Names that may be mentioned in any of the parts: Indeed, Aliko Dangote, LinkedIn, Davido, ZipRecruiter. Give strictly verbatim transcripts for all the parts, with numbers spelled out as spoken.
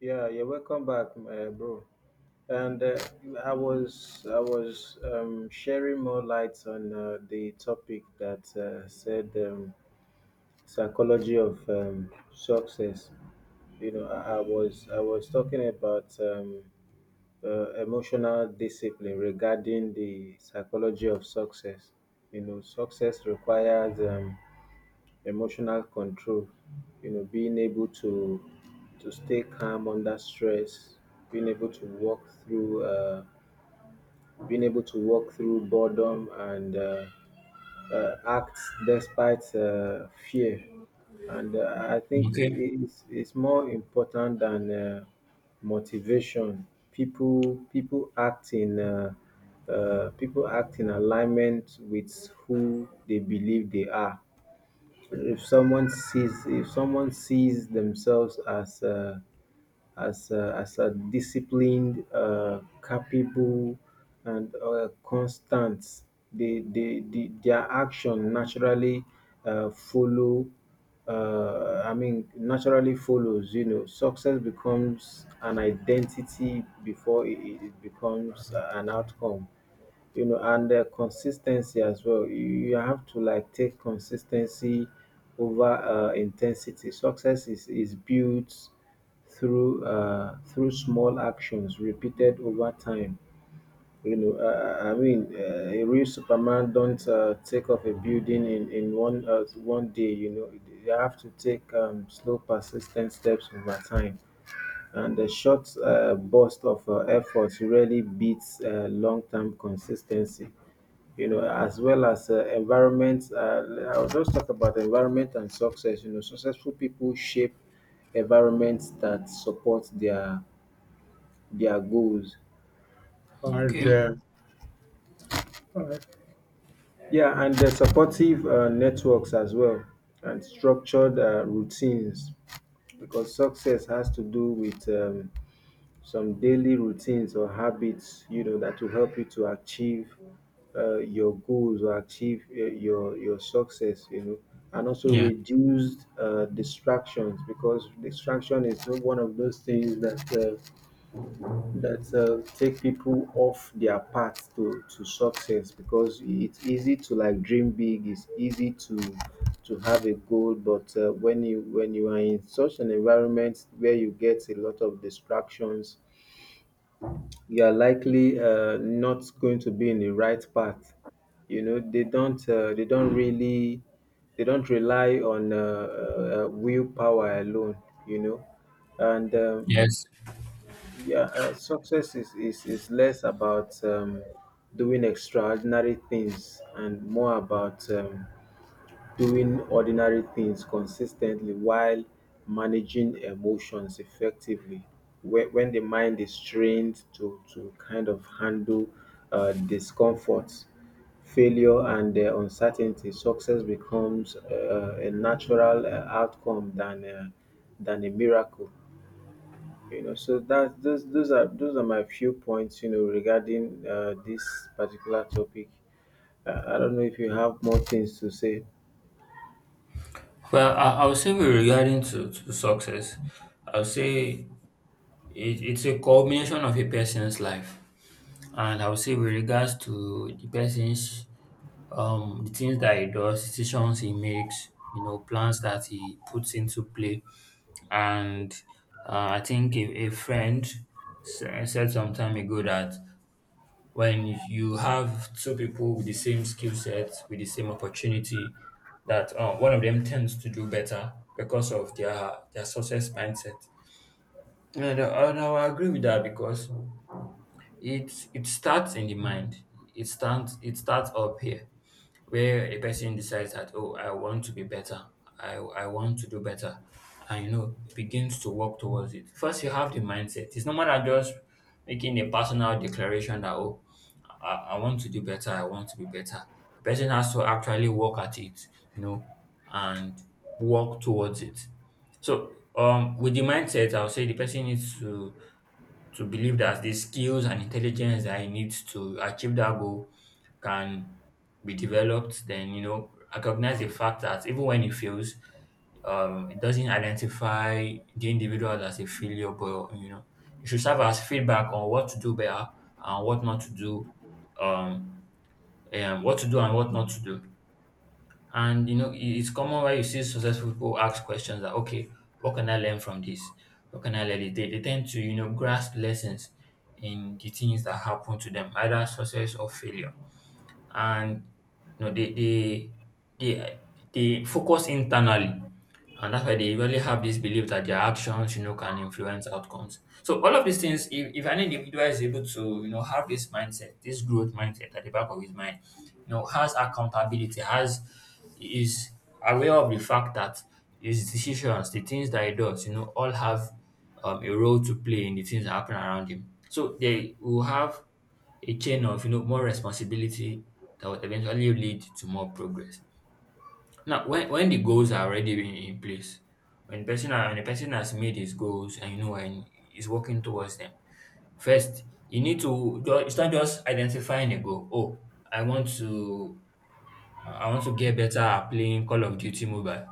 Yeah, yeah, welcome back, uh, bro. And uh, I was I was um, sharing more lights on uh, the topic that uh, said, um, psychology of um, success. You know, I, I was I was talking about um, uh, emotional discipline regarding the psychology of success. You know, success requires um, emotional control, you know, being able to to stay calm under stress, being able to walk through uh, being able to walk through boredom and uh, uh, act despite uh, fear. And uh, I think Okay, it- it's, it's more important than uh, motivation. People people act in uh, uh, people act in alignment with who they believe they are. If someone sees if someone sees themselves as a, as a, as a disciplined, uh, capable, and uh, constant, they, they, they their action naturally uh, follow, uh, I mean, naturally follows. You know, success becomes an identity before it, it it becomes an outcome, you know. And uh, consistency as well. You, you have to like take consistency over uh, intensity. Success is, is built through uh, through small actions repeated over time. You know, uh, I mean, uh, a real Superman don't uh, take off a building in in one uh, one day. You know, you have to take um, slow, persistent steps over time. And the short uh, burst of uh, effort really beats uh, long-term consistency, you know, as well as uh, environment. Uh, I'll just talk about the environment and success. You know, successful people shape environments that support their their goals. And okay, uh, uh, Yeah, and the supportive uh, networks as well, and structured uh, routines, because success has to do with um, some daily routines or habits, you know, that will help you to achieve uh, your goals or achieve uh, your your success, you know, and also yeah, reduced uh, distractions, because distraction is one of those things that uh, that uh, take people off their path to to success, because it's easy to like dream big, it's easy to to have a goal. But uh, when you when you are in such an environment where you get a lot of distractions, you are likely uh, not going to be in the right path. You know, they don't uh, they don't really they don't rely on uh, uh, willpower alone. You know, and um, yes. yeah, uh, success is, is is less about um, doing extraordinary things and more about um, doing ordinary things consistently while managing emotions effectively. When, when the mind is trained to, to kind of handle uh, discomfort, failure, and uh, uncertainty, success becomes uh, a natural uh, outcome, than, uh, than a miracle. You know, so that those those are those are my few points, you know, regarding uh, this particular topic. Uh, I don't know if you have more things to say. Well, I, I would say with regarding to, to success, I would say it, it's a culmination of a person's life, and I would say with regards to the person's um the things that he does, decisions he makes, you know, plans that he puts into play, and uh, I think a, a friend sa- said some time ago that when you have two people with the same skill set, with the same opportunity, that um, one of them tends to do better because of their their success mindset. And I, and I agree with that because it it starts in the mind. It starts, it starts up here, where a person decides that, oh, I want to be better. I I want to do better, and you know, begins to work towards it. First, you have the mindset. It's no matter just making a personal declaration that, oh, I, I want to do better. I want to be better. The person has to actually work at it, you know, and work towards it. So um, with the mindset, I'll say the person needs to to believe that the skills and intelligence that he needs to achieve that goal can be developed. Then, you know, recognize the fact that even when he fails, um, it doesn't identify the individual as a failure, but you know, it should serve as feedback on what to do better and what not to do, um, and what to do and what not to do. And you know, it- it's common where you see successful people ask questions that, okay, what can I learn from this? What can I learn? They, they tend to, you know, grasp lessons in the things that happen to them, either success or failure, and you know they they they they focus internally, and that's why they really have this belief that their actions, you know, can influence outcomes. So all of these things, if, if an individual is able to, you know, have this mindset, this growth mindset at the back of his mind, you know, has accountability, has, is aware of the fact that his decisions, the things that he does, you know, all have um, a role to play in the things that happen around him, so they will have a chain of, you know, more responsibility that would eventually lead to more progress. Now, when, when the goals are already in, in place, when person are, when a person has made his goals and, you know, and is working towards them, first you need to ju- it's not just identifying a goal. Oh, I want to, I want to get better at playing Call of Duty Mobile,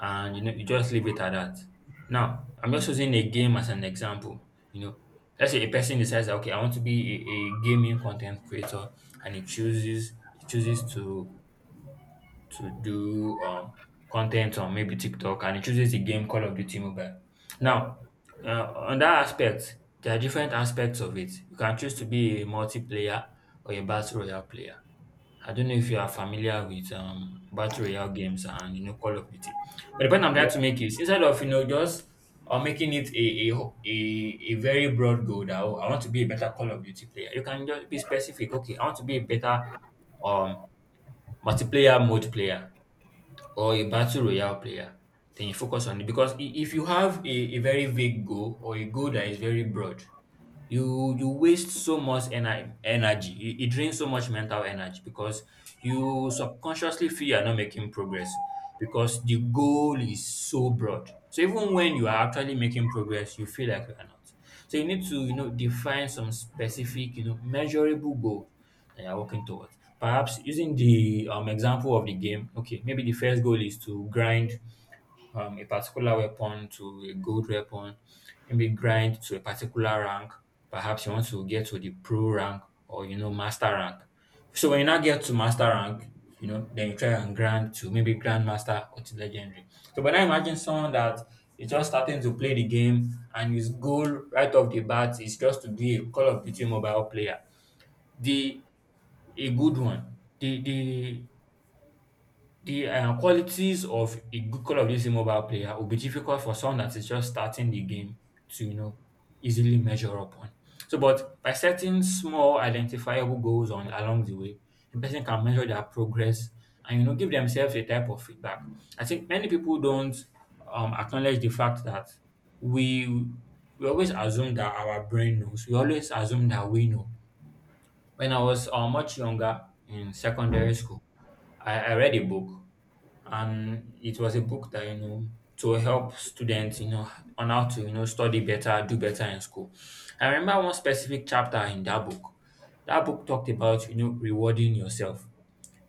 and you know you just leave it at that. Now, I'm just using a game as an example. You know, let's say a person decides that, okay, I want to be a, a gaming content creator, and he chooses he chooses to to do um, content on maybe TikTok, and it chooses the game Call of Duty Mobile. Now, uh, on that aspect, there are different aspects of it. You can choose to be a multiplayer or a battle royale player. I don't know if you are familiar with um, battle royale games and you know Call of Duty, but the point I'm Yeah, trying to make is, instead of, you know, just or making it a, a ho- a a very broad goal that, oh, I want to be a better Call of Duty player. You can just be specific. Okay, I want to be a better um multiplayer mode player or a battle royale player, then you focus on it. Because i- if you have a, a very vague goal or a goal that is very broad, you you waste so much ener- energy, it, it drains so much mental energy because you subconsciously feel you're not making progress, because the goal is so broad, so even when you are actually making progress you feel like you are not. So you need to, you know, define some specific, you know, measurable goals that you're working towards. Perhaps using the um, example of the game, okay, maybe the first goal is to grind um, a particular weapon to a gold weapon, maybe grind to a particular rank. Perhaps you want to get to the pro rank or, you know, master rank. So when you now get to master rank, you know, then you try and grind to maybe grandmaster or to legendary. So, but I imagine someone that is just starting to play the game, and his goal right off the bat is just to be a Call of Duty Mobile player, the a good one. The the the, uh, qualities of a good Call of Duty Mobile player will be difficult for someone that is just starting the game to, you know, easily measure up on. So, but by setting small identifiable goals on along the way, the person can measure their progress and, you know, give themselves a type of feedback. I think many people don't um, acknowledge the fact that we we always assume that our brain knows. We always assume that we know. When I was uh, much younger, in secondary school, I, I read a book, and it was a book that, you know, to help students, you know, on how to, you know, study better, do better in school. I remember one specific chapter in that book. That book talked about, you know, rewarding yourself.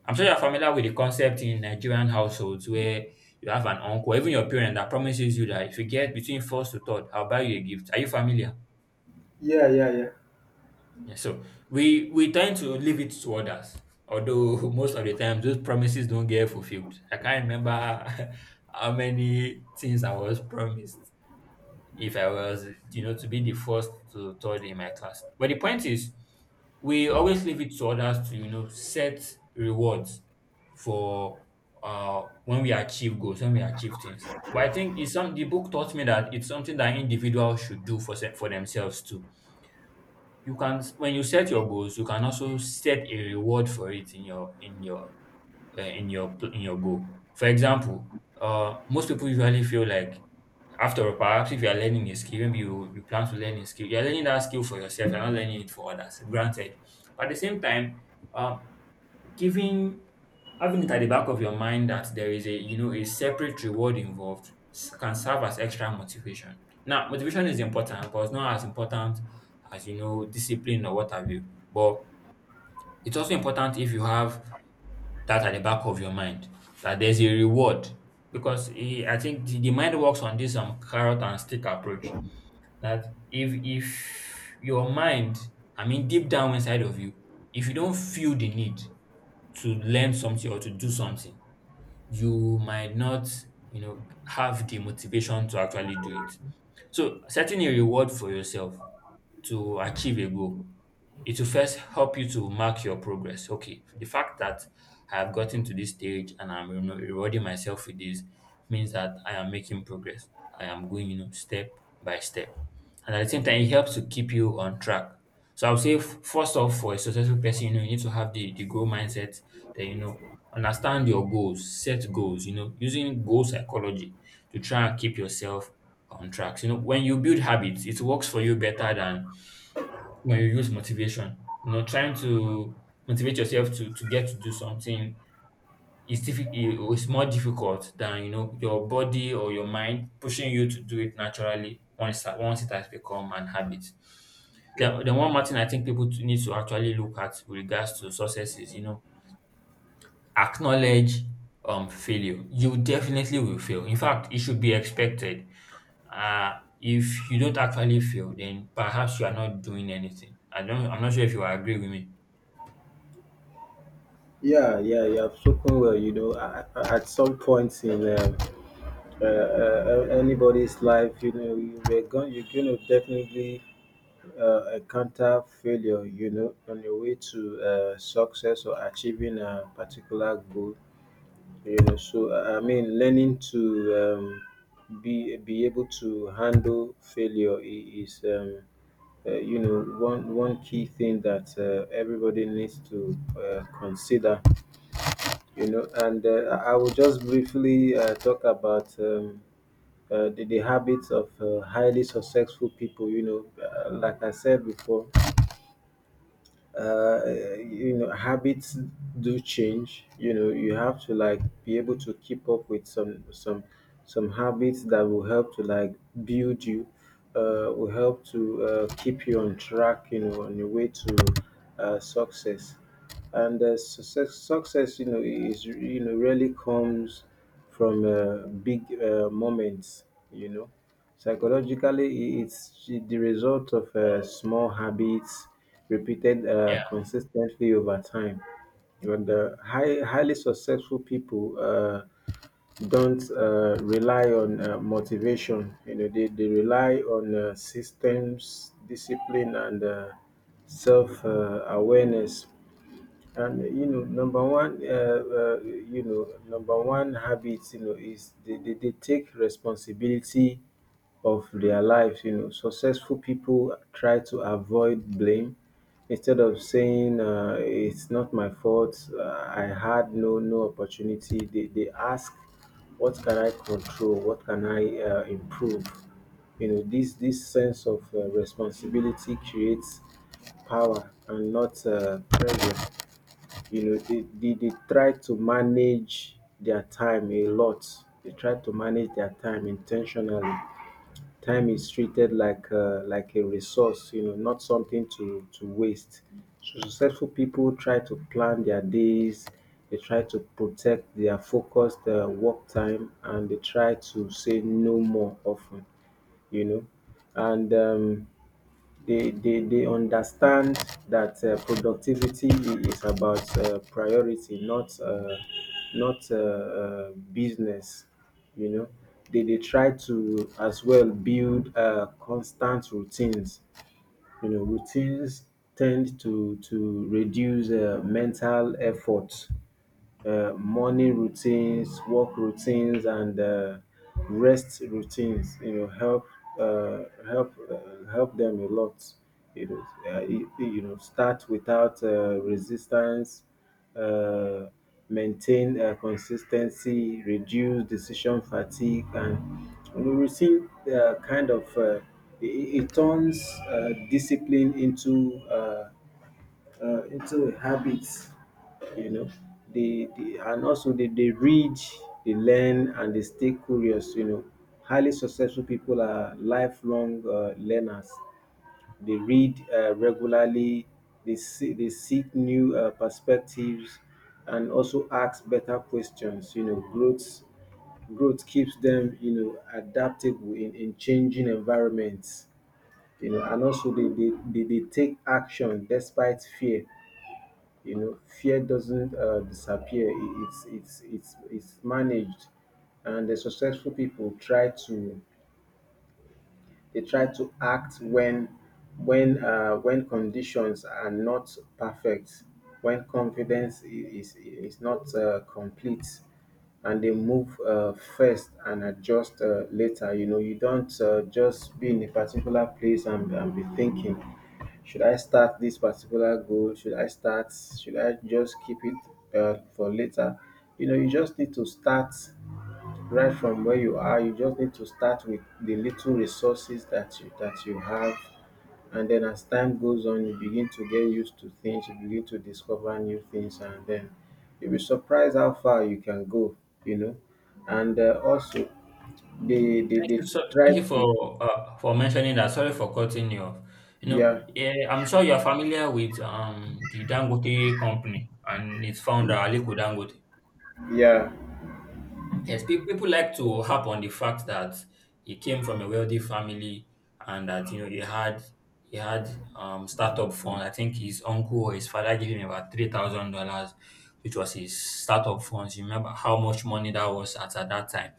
I'm sure you're familiar with the concept in Nigerian households where you have an uncle, even your parent, that promises you that if you get between first to third, I'll buy you a gift. Are you familiar? yeah, yeah, yeah. Yeah, so we we tend to leave it to others, although most of the time those promises don't get fulfilled. I can't remember how many things I was promised if I was, you know, to be the first to third in my class. But the point is, we always leave it to others to, you know, set rewards for uh when we achieve goals, when we achieve things. But I think it's some, the book taught me that it's something that individuals should do for se- for themselves too. You can, when you set your goals, you can also set a reward for it in your, in your uh, in your pl- in your goal. For example, uh, most people usually feel like, after all, perhaps if you are learning a skill, maybe you, you plan to learn a skill, you're learning that skill for yourself, you're not learning it for others, granted. But at the same time, um, giving having it at the back of your mind that there is a, you know, a separate reward involved s- can serve as extra motivation. Now, motivation is important, but it's not as important as, you know, discipline or what have you. But it's also important if you have that at the back of your mind that there's a reward, because eh, I think the, the mind works on this um carrot and stick approach. That if if your mind, I mean deep down inside of you, if you don't feel the need to learn something or to do something, you might not, you know, have the motivation to actually do it. So setting a reward for yourself to achieve a goal, it will first help you to mark your progress. Okay, the fact that I have gotten to this stage and I'm, you know, rewarding myself with this means that I am making progress. I am going, you know, step by step. And at the same time, it helps to keep you on track. So I would say, f- first off, for a successful person, you know, you need to have the, the goal mindset that, you know, understand your goals, set goals, you know, using goal psychology to try and keep yourself on track. So, you know, when you build habits, it works for you better than when you use motivation. You know, trying to motivate yourself to to get to do something is diffi- i- is more difficult than, you know, your body or your mind pushing you to do it naturally once that- once it has become an habit. The, the one more thing I think people to- need to actually look at with regards to success is, you know, acknowledge um failure. You definitely will fail. In fact, it should be expected. Uh if you don't actually fail, then perhaps you are not doing anything. I don't. I'm not sure if you agree with me. Yeah, yeah, you have spoken well. You know, a- at some point in um, uh, uh, uh, anybody's life, you know, you were going, you're going to definitely uh, encounter failure, you know, on your way to uh, success or achieving a particular goal. You know, so I I mean, learning to um, be be able to handle failure, I- is. Um, uh, you know, one one key thing that uh, everybody needs to uh, consider, you know. And uh, I will just briefly uh, talk about um, uh, the, the habits of uh, highly successful people. You know, uh, like I said before, uh, you know, habits do change. You know, you have to like be able to keep up with some some some habits that will help to like build you, uh, will help to uh, keep you on track, you know, on your way to uh, success. And uh, success success, you know, is, you know, really comes from uh, big uh, moments, you know. Psychologically, it's the result of uh, small habits repeated uh, Yeah, consistently over time. But the high, highly successful people uh, don't uh, rely on uh, motivation. You know, they, they rely on uh, systems, discipline, and uh, self uh, awareness. And you know, number one, uh, uh, you know, number one habit, you know, is they, they, they take responsibility of their lives. You know, successful people try to avoid blame. Instead of saying, uh, it's not my fault, Uh, I had no no opportunity, they they ask, what can I control? What can I uh, improve? You know, this this sense of uh, responsibility creates power and not uh, pressure. You know, they they dey try to manage their time a lot. They try to manage their time intentionally. Time is treated like a like a resource, you know, not something to to waste. So successful people try to plan their days. They try to protect their focused uh, work time, and they try to say no more often. You know, and um, they they, they understand that uh, productivity i- is about uh, priority, not uh, not uh, uh, business. You know, they they try to as well build uh, constant routines. You know, routines tend to to reduce uh, mental effort. Uh, morning routines, work routines, and uh, rest routines, you know, help uh, help uh, help them a lot. You know, uh, you you know, start without uh, resistance. Uh, Maintain uh, consistency, reduce decision fatigue, and you know, routine uh, kind of, uh, it, it it turns uh, discipline into uh, uh, into a habit, you know. They, they And also they, they read, they learn, and they stay curious. You know, highly successful people are lifelong uh, learners. They read uh, regularly. They see, they seek new uh, perspectives, and also ask better questions. You know, growth growth keeps them, you know, adaptable in, in changing environments, you know. And also they, they, they, they take action despite fear. You know, fear doesn't uh, disappear, It- it's it's it's it's managed. And the successful people try to, they try to act when when uh, when conditions are not perfect, when confidence i- is is not uh, complete, and they move uh, first and adjust uh, later. You know, you don't uh, just be in a particular place and, and be thinking, should I start this particular goal? Should I start? Should I just keep it uh, for later? You know, you just need to start right from where you are. You just need to start with the little resources that you that you have. And then, as time goes on, you begin to get used to things, you begin to discover new things, and then you'll be surprised how far you can go, you know. And uh, also they, they thank they you so, try thank you for to, uh, for mentioning that. Sorry for cutting you off. You know, yeah, yeah, I'm sure you are familiar with um the Dangote company and its founder, Aliko Dangote. yeah, Yes, pe- people like to harp on the fact that he came from a wealthy family, and that you know he had he had um startup fund. I think his uncle or his father gave him about three thousand dollars, which was his startup funds. You remember how much money that was at, at that time,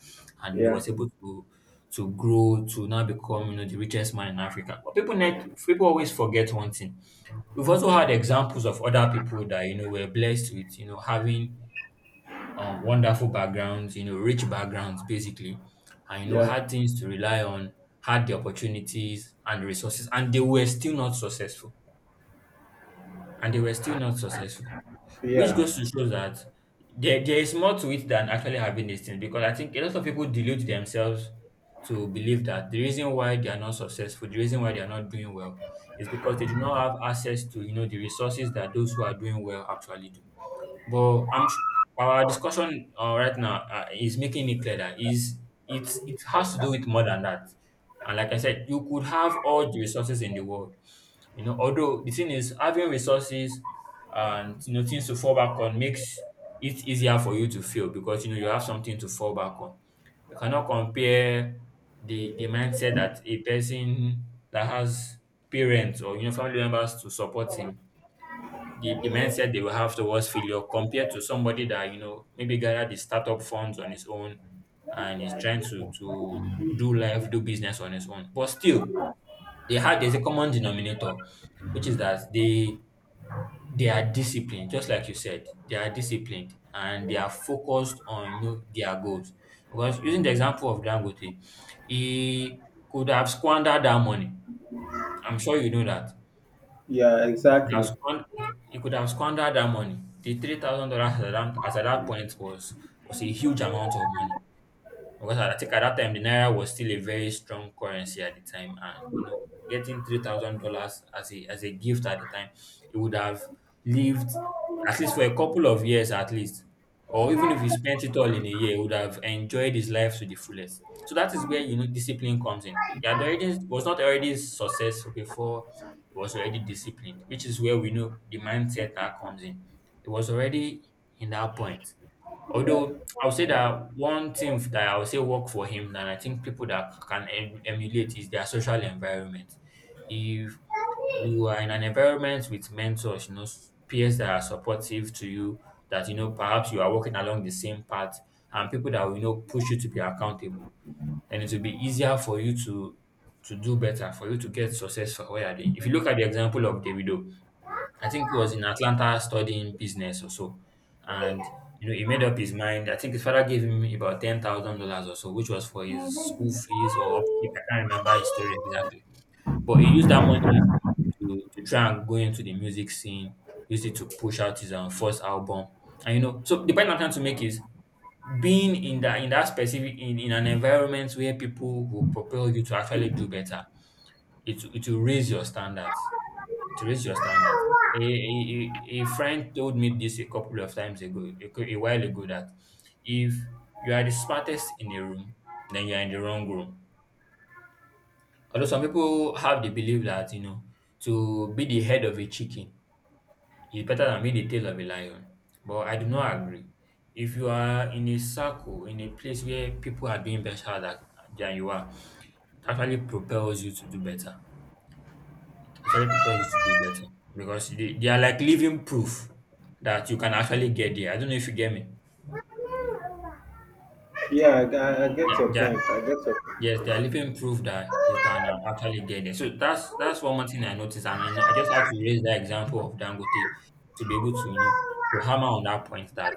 and he yeah, was able to to grow to now become you know the richest man in Africa. But people net people always forget one thing. We've also had examples of other people that you know were blessed with you know having um, wonderful backgrounds, you know, rich backgrounds, basically, and you know, yeah, had things to rely on, had the opportunities and the resources, and they were still not successful. And they were still not successful, which yeah, goes to show that there, there is more to it than actually having these things. Because I think a lot of people delude themselves to believe that the reason why they are not successful, the reason why they are not doing well, is because they do not have access to you know the resources that those who are doing well actually do. But I'm s- our discussion uh, right now uh, is making it clear that is it it has to do with more than that. And like I said, you could have all the resources in the world, you know. Although the thing is, having resources and you know things to fall back on makes it easier for you to fail because you know you have something to fall back on. You cannot compare the the mindset that a person that has parents or you know family members to support him, the, the mindset they will have towards failure compared to somebody that you know maybe gathered the startup funds on his own and is trying to to do life do business on his own. But still, they had there's a common denominator, which is that they they are disciplined. Just like you said, they are disciplined and they are focused on you know their goals. Because using the example of Dangote, he could have squandered that money. I'm sure you know that. yeah, could have exactly. squandered, you could have squandered that money. The three thousand dollars at that, at that point was was a huge amount of money. Because I think at that time the naira was still a very strong currency at the time, and you know, getting three thousand dollars as a as a gift at the time, it would have lived at least for a couple of years at least, or even if he spent it all in a year, he would have enjoyed his life to the fullest. So that is where you know discipline comes in. He had already was not already successful before He was already disciplined, which is where we know the mindset that comes in. It was already in that point. Although I would say that one thing that I would say work for him, and I think people that can em- emulate, is their social environment. If you are in an environment with mentors, you know, s- peers that are supportive to you, that you know perhaps you are walking along the same path, and people that will you know push you to be accountable, then it will be easier for you to to do better, for you to get success for what you are doing. If you look at the example of Davido, I think he was in Atlanta studying business or so. And you know, he made up his mind. I think his father gave him about ten thousand dollars or so, which was for his school fees or upkeep. I can't remember his story exactly. But he used that money to, to try and go into the music scene, used it to push out his um, first album. And you know, so the point I'm trying to make is being in that in that specific in, in an environment where people will propel you to actually do better, it it will raise your standards, to raise your standard, A, a, a a friend told me this a couple of times ago, a, cou- a while ago, that if you are the smartest in the room, then you are in the wrong room. Although some people have the belief that, you know, to be the head of a chicken is better than being the tail of a lion. But I do not agree. If you are in a circle, in a place where people are doing better than, than you are, it actually propels you to do better. actually propel you to do better because they, they are like living proof that you can actually get there. I don't know if you get me. Yeah, I, I I get Yeah, your they are, point. I get your point. yes, they are living proof that you can uh, actually get there. So that's that's one more thing I noticed, and I know I just have to raise that example of Dangote to be able to you know to hammer on that point that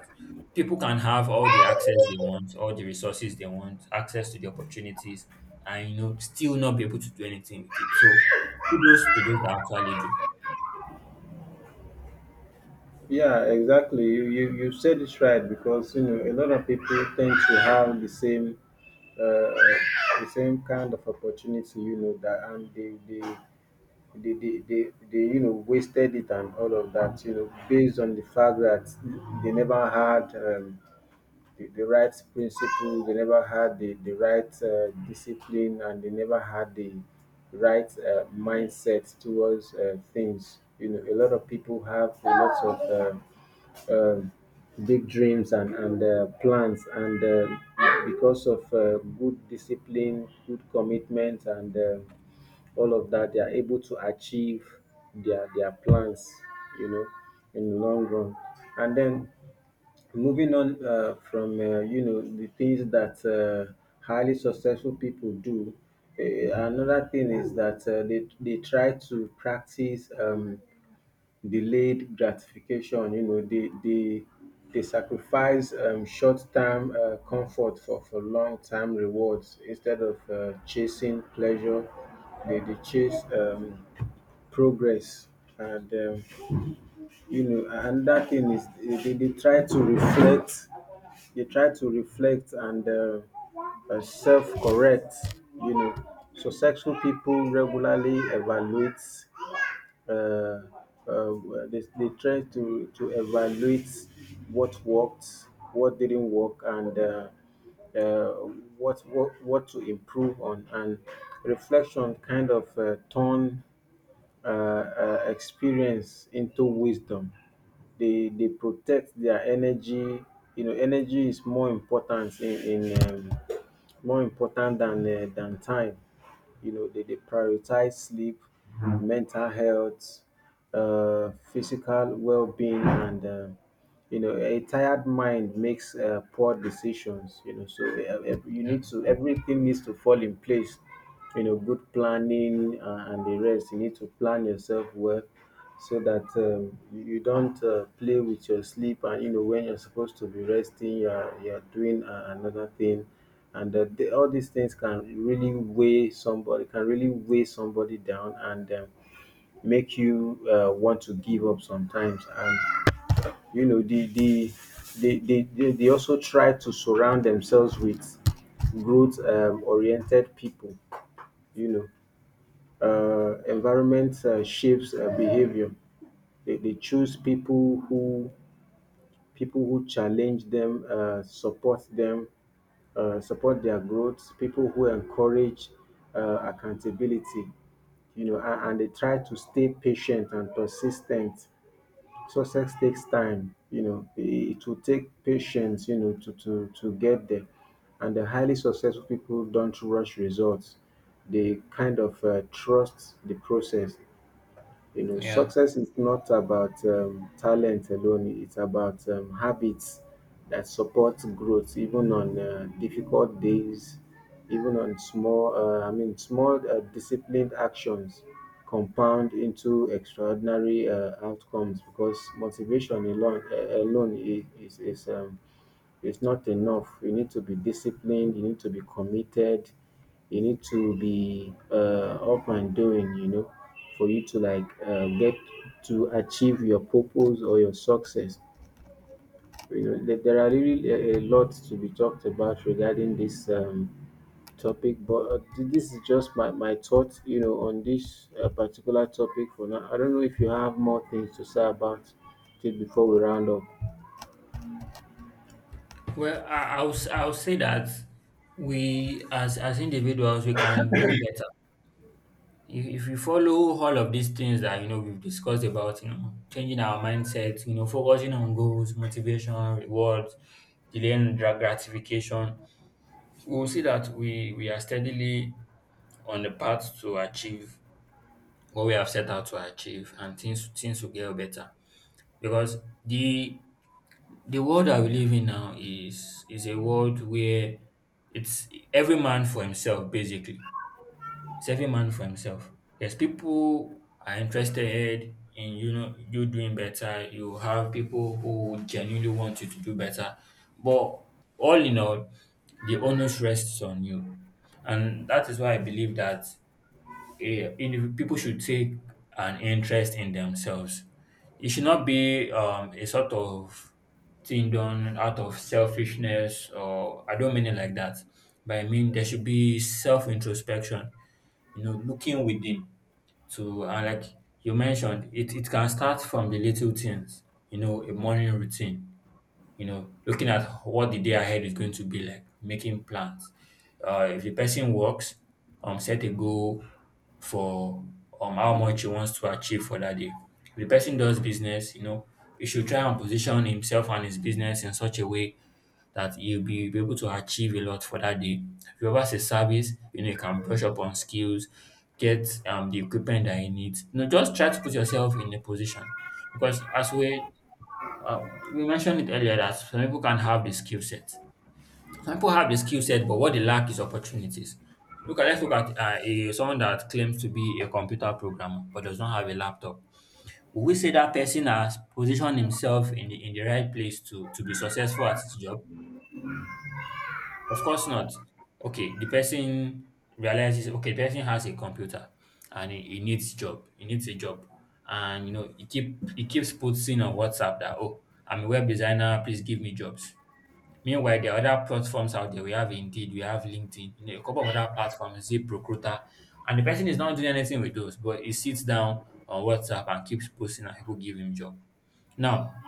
people can have all the access they want, all the resources they want, access to the opportunities, and you know still not be able to do anything with it. So kudos to those that actually do. Yeah, exactly. You, you you said it right, because you know a lot of people tend to have the same uh, the same kind of opportunity, you know, that and they they they, they, they, they you know, wasted it and all of that, you know, based on the fact that they never had um, the, the right principle, they never had the, the right uh, discipline, and they never had the right uh, mindset towards uh, things. You know, a lot of people have a lot of um, uh, big dreams and and uh, plans, and uh, because of uh, good discipline, good commitment, and uh, all of that, they are able to achieve their their plans, you know, in the long run. And then, moving on uh, from, uh, you know, the things that uh, highly successful people do, uh, another thing is that uh, they, they try to practice um, delayed gratification. You know, they they they sacrifice um, short-term uh, comfort for for long-term rewards. Instead of uh, chasing pleasure, They they chase um, progress. And um, you know, another thing is, they, they try to reflect. They try to reflect and. Uh, uh, self correct, you know. So successful people regularly evaluate uh, uh, they, they try to, to evaluate what worked, what didn't work, and uh, uh, what, what what to improve on. And reflection kind of uh, turn uh, uh, experience into wisdom. They they protect their energy. You know, energy is more important in, in um, more important than uh, than time, you know. They, they prioritize sleep, mental health, uh, physical well-being, and um, you know, a tired mind makes uh, poor decisions. You know, so uh, ev- you need to, everything needs to fall in place, you know. Good planning, uh, and the rest, you need to plan yourself well, so that um, you you don't uh, play with your sleep. And you know, when you're supposed to be resting, you're you're doing uh, another thing. And uh, the, all these things can really weigh somebody, can really weigh somebody down, and um, make you uh, want to give up sometimes. And you know, they they they, they, they, they also try to surround themselves with growth um, oriented people, you know. Uh, environment uh, shapes uh, behavior. They, they choose people who people who challenge them, uh, support them, uh, support their growth, people who encourage uh, accountability, you know. And, and they try to stay patient and persistent. Success takes time, you know, it will take patience, you know, to to to get there. And the highly successful people don't rush results. They kind of uh, trust the process, you know. Yeah. Success is not about um, talent alone, it's about um, habits that support growth, even on uh, difficult days, even on small, uh, I mean, small uh, disciplined actions compound into extraordinary uh, outcomes, because motivation alone, uh, alone i- is, is um, it's not enough. You need to be disciplined, you need to be committed, you need to be uh, up and doing, you know, for you to like uh, get to achieve your purpose or your success. You know, there there are really a, a lot to be talked about regarding this um, topic. But uh, th- this is just my, my thoughts, you know, on this uh, particular topic for now. I don't know if you have more things to say about it before we round up. Well, I, I'll, s- I'll say that we, as, as individuals, we can do better. If, if we follow all of these things that, you know, we've discussed about, you know, changing our mindset, you know, focusing on goals, motivation, rewards, delaying dra- gratification, we'll see that we, we are steadily on the path to achieve what we have set out to achieve, and things, things will get better. Because the the world that we live in now is is a world where it's every man for himself, basically. It's every man for himself. Yes, people are interested in you know you doing better. You have people who genuinely want you to do better, but all in all, the onus rests on you. And that is why I believe that yeah, indiv- people should take an interest in themselves. It should not be um, a sort of thing done out of selfishness, or I don't mean it like that. But I mean there should be self introspection, you know, looking within to and like you mentioned, it, it can start from the little things, you know, a morning routine, you know, looking at what the day ahead is going to be like, making plans. Uh, if the person works, um, set a goal for um how much he wants to achieve for that day. If the person does business, you know, he should try and position himself and his business in such a way that he will be able to achieve a lot for that day. If you have a service, you know, you can brush up on skills, get um, the equipment that he needs. You know, just try to put yourself in a position, because as we're uh, we mentioned it earlier that some people can have the skill set. Some people have the skill set, but what they lack is opportunities. Look at Let's look at uh, a, someone that claims to be a computer programmer but does not have a laptop. Will we say that person has positioned himself in the in the right place to to be successful at his job? Of course not. Okay, the person realizes, okay, the person has a computer and he, he needs job. He needs a job. And you know, he keep he keeps posting on WhatsApp that oh, I'm a web designer, please give me jobs. Meanwhile, the other platforms out there. We have Indeed, we have LinkedIn, you know, a couple of other platforms, ZipRecruiter, and the person is not doing anything with those, but he sits down on WhatsApp and keeps posting and people give him job. Now,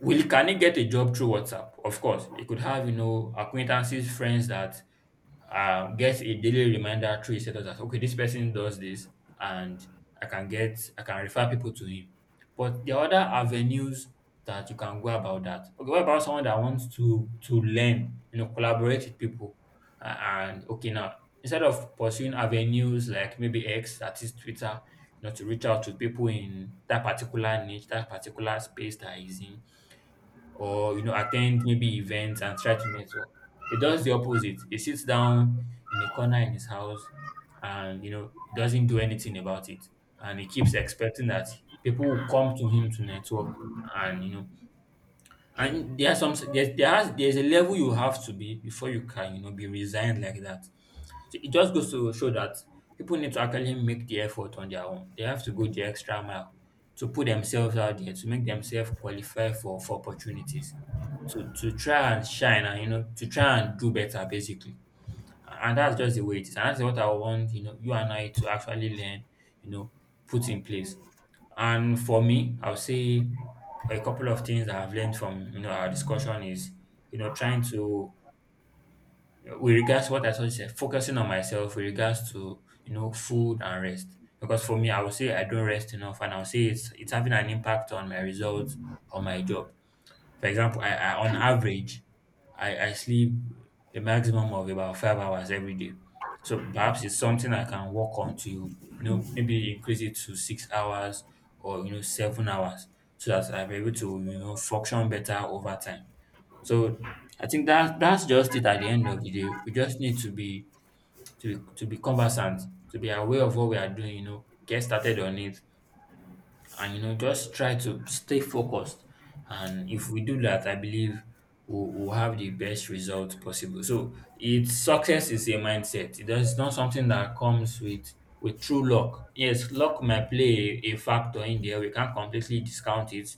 will can he get a job through WhatsApp? Of course, he could have, you know, acquaintances, friends that uh, get a daily reminder through a setup that okay, this person does this, and I can get I can refer people to him. But the other avenues that you can go about that. Okay, what about someone that wants to to learn, you know, collaborate with people, uh, and okay now, instead of pursuing avenues like maybe X, that is Twitter, you know, to reach out to people in that particular niche, that particular space that he's in, or you know attend maybe events and try to network. He does the opposite. He sits down in a corner in his house and you know doesn't do anything about it. And he keeps expecting that people will come to him to network, and you know, and there are some, there's there has there's a level you have to be before you can you know be resigned like that. So it just goes to show that people need to actually make the effort on their own. They have to go the extra mile to put themselves out there, to make themselves qualify for for opportunities, to to try and shine, and you know to try and do better, basically. And that's just the way it is, and that's what I want you know you and I to actually learn, you know, put in place. And for me, I'll say a couple of things that I've learned from you know our discussion is, you know, trying to, with regards to what I just said, focusing on myself with regards to you know food and rest, because for me I would say I don't rest enough, and I'll say it's it's having an impact on my results, on my job. For example, I, I on average, I, I sleep a maximum of about five hours every day. So perhaps it's something I can work on to, you know, maybe increase it to six hours or, you know, seven hours, so that I'm able to, you know, function better over time. So I think that that's just it. At the end of the day, we just need to be to be to be conversant, to be aware of what we are doing, you know, get started on it, and you know just try to stay focused. And if we do that I believe we'll, we'll have the best result possible. So it's success is a mindset. It is not something that comes with with true luck. Yes, luck might play a, a factor in there. We can't completely discount it.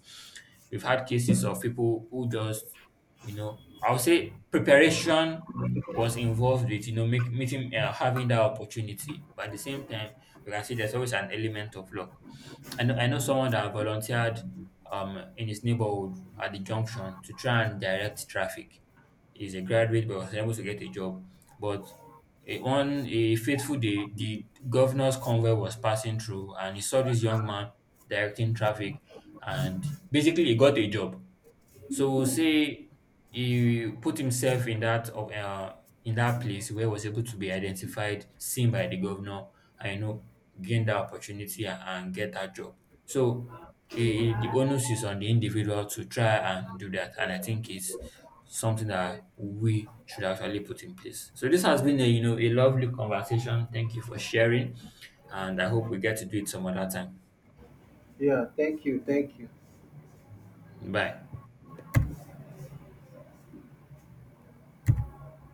We've had cases of people who just you know I would say preparation was involved with you know make, meeting uh, having that opportunity, but at the same time you can see there's always an element of luck. I know I know someone that volunteered um in his neighborhood at the junction to try and direct traffic. He's a graduate but was unable to get a job. But a, on a fateful day, the governor's convoy was passing through and he saw this young man directing traffic, and basically he got a job. So say he put himself in that of uh, in that place where he was able to be identified, seen by the governor, and you know, gain that opportunity and, and get that job. So eh, the onus is on the individual to try and do that, and I think it's something that we should actually put in place. So this has been a you know a lovely conversation. Thank you for sharing, and I hope we get to do it some other time. Yeah, thank you, thank you. Bye.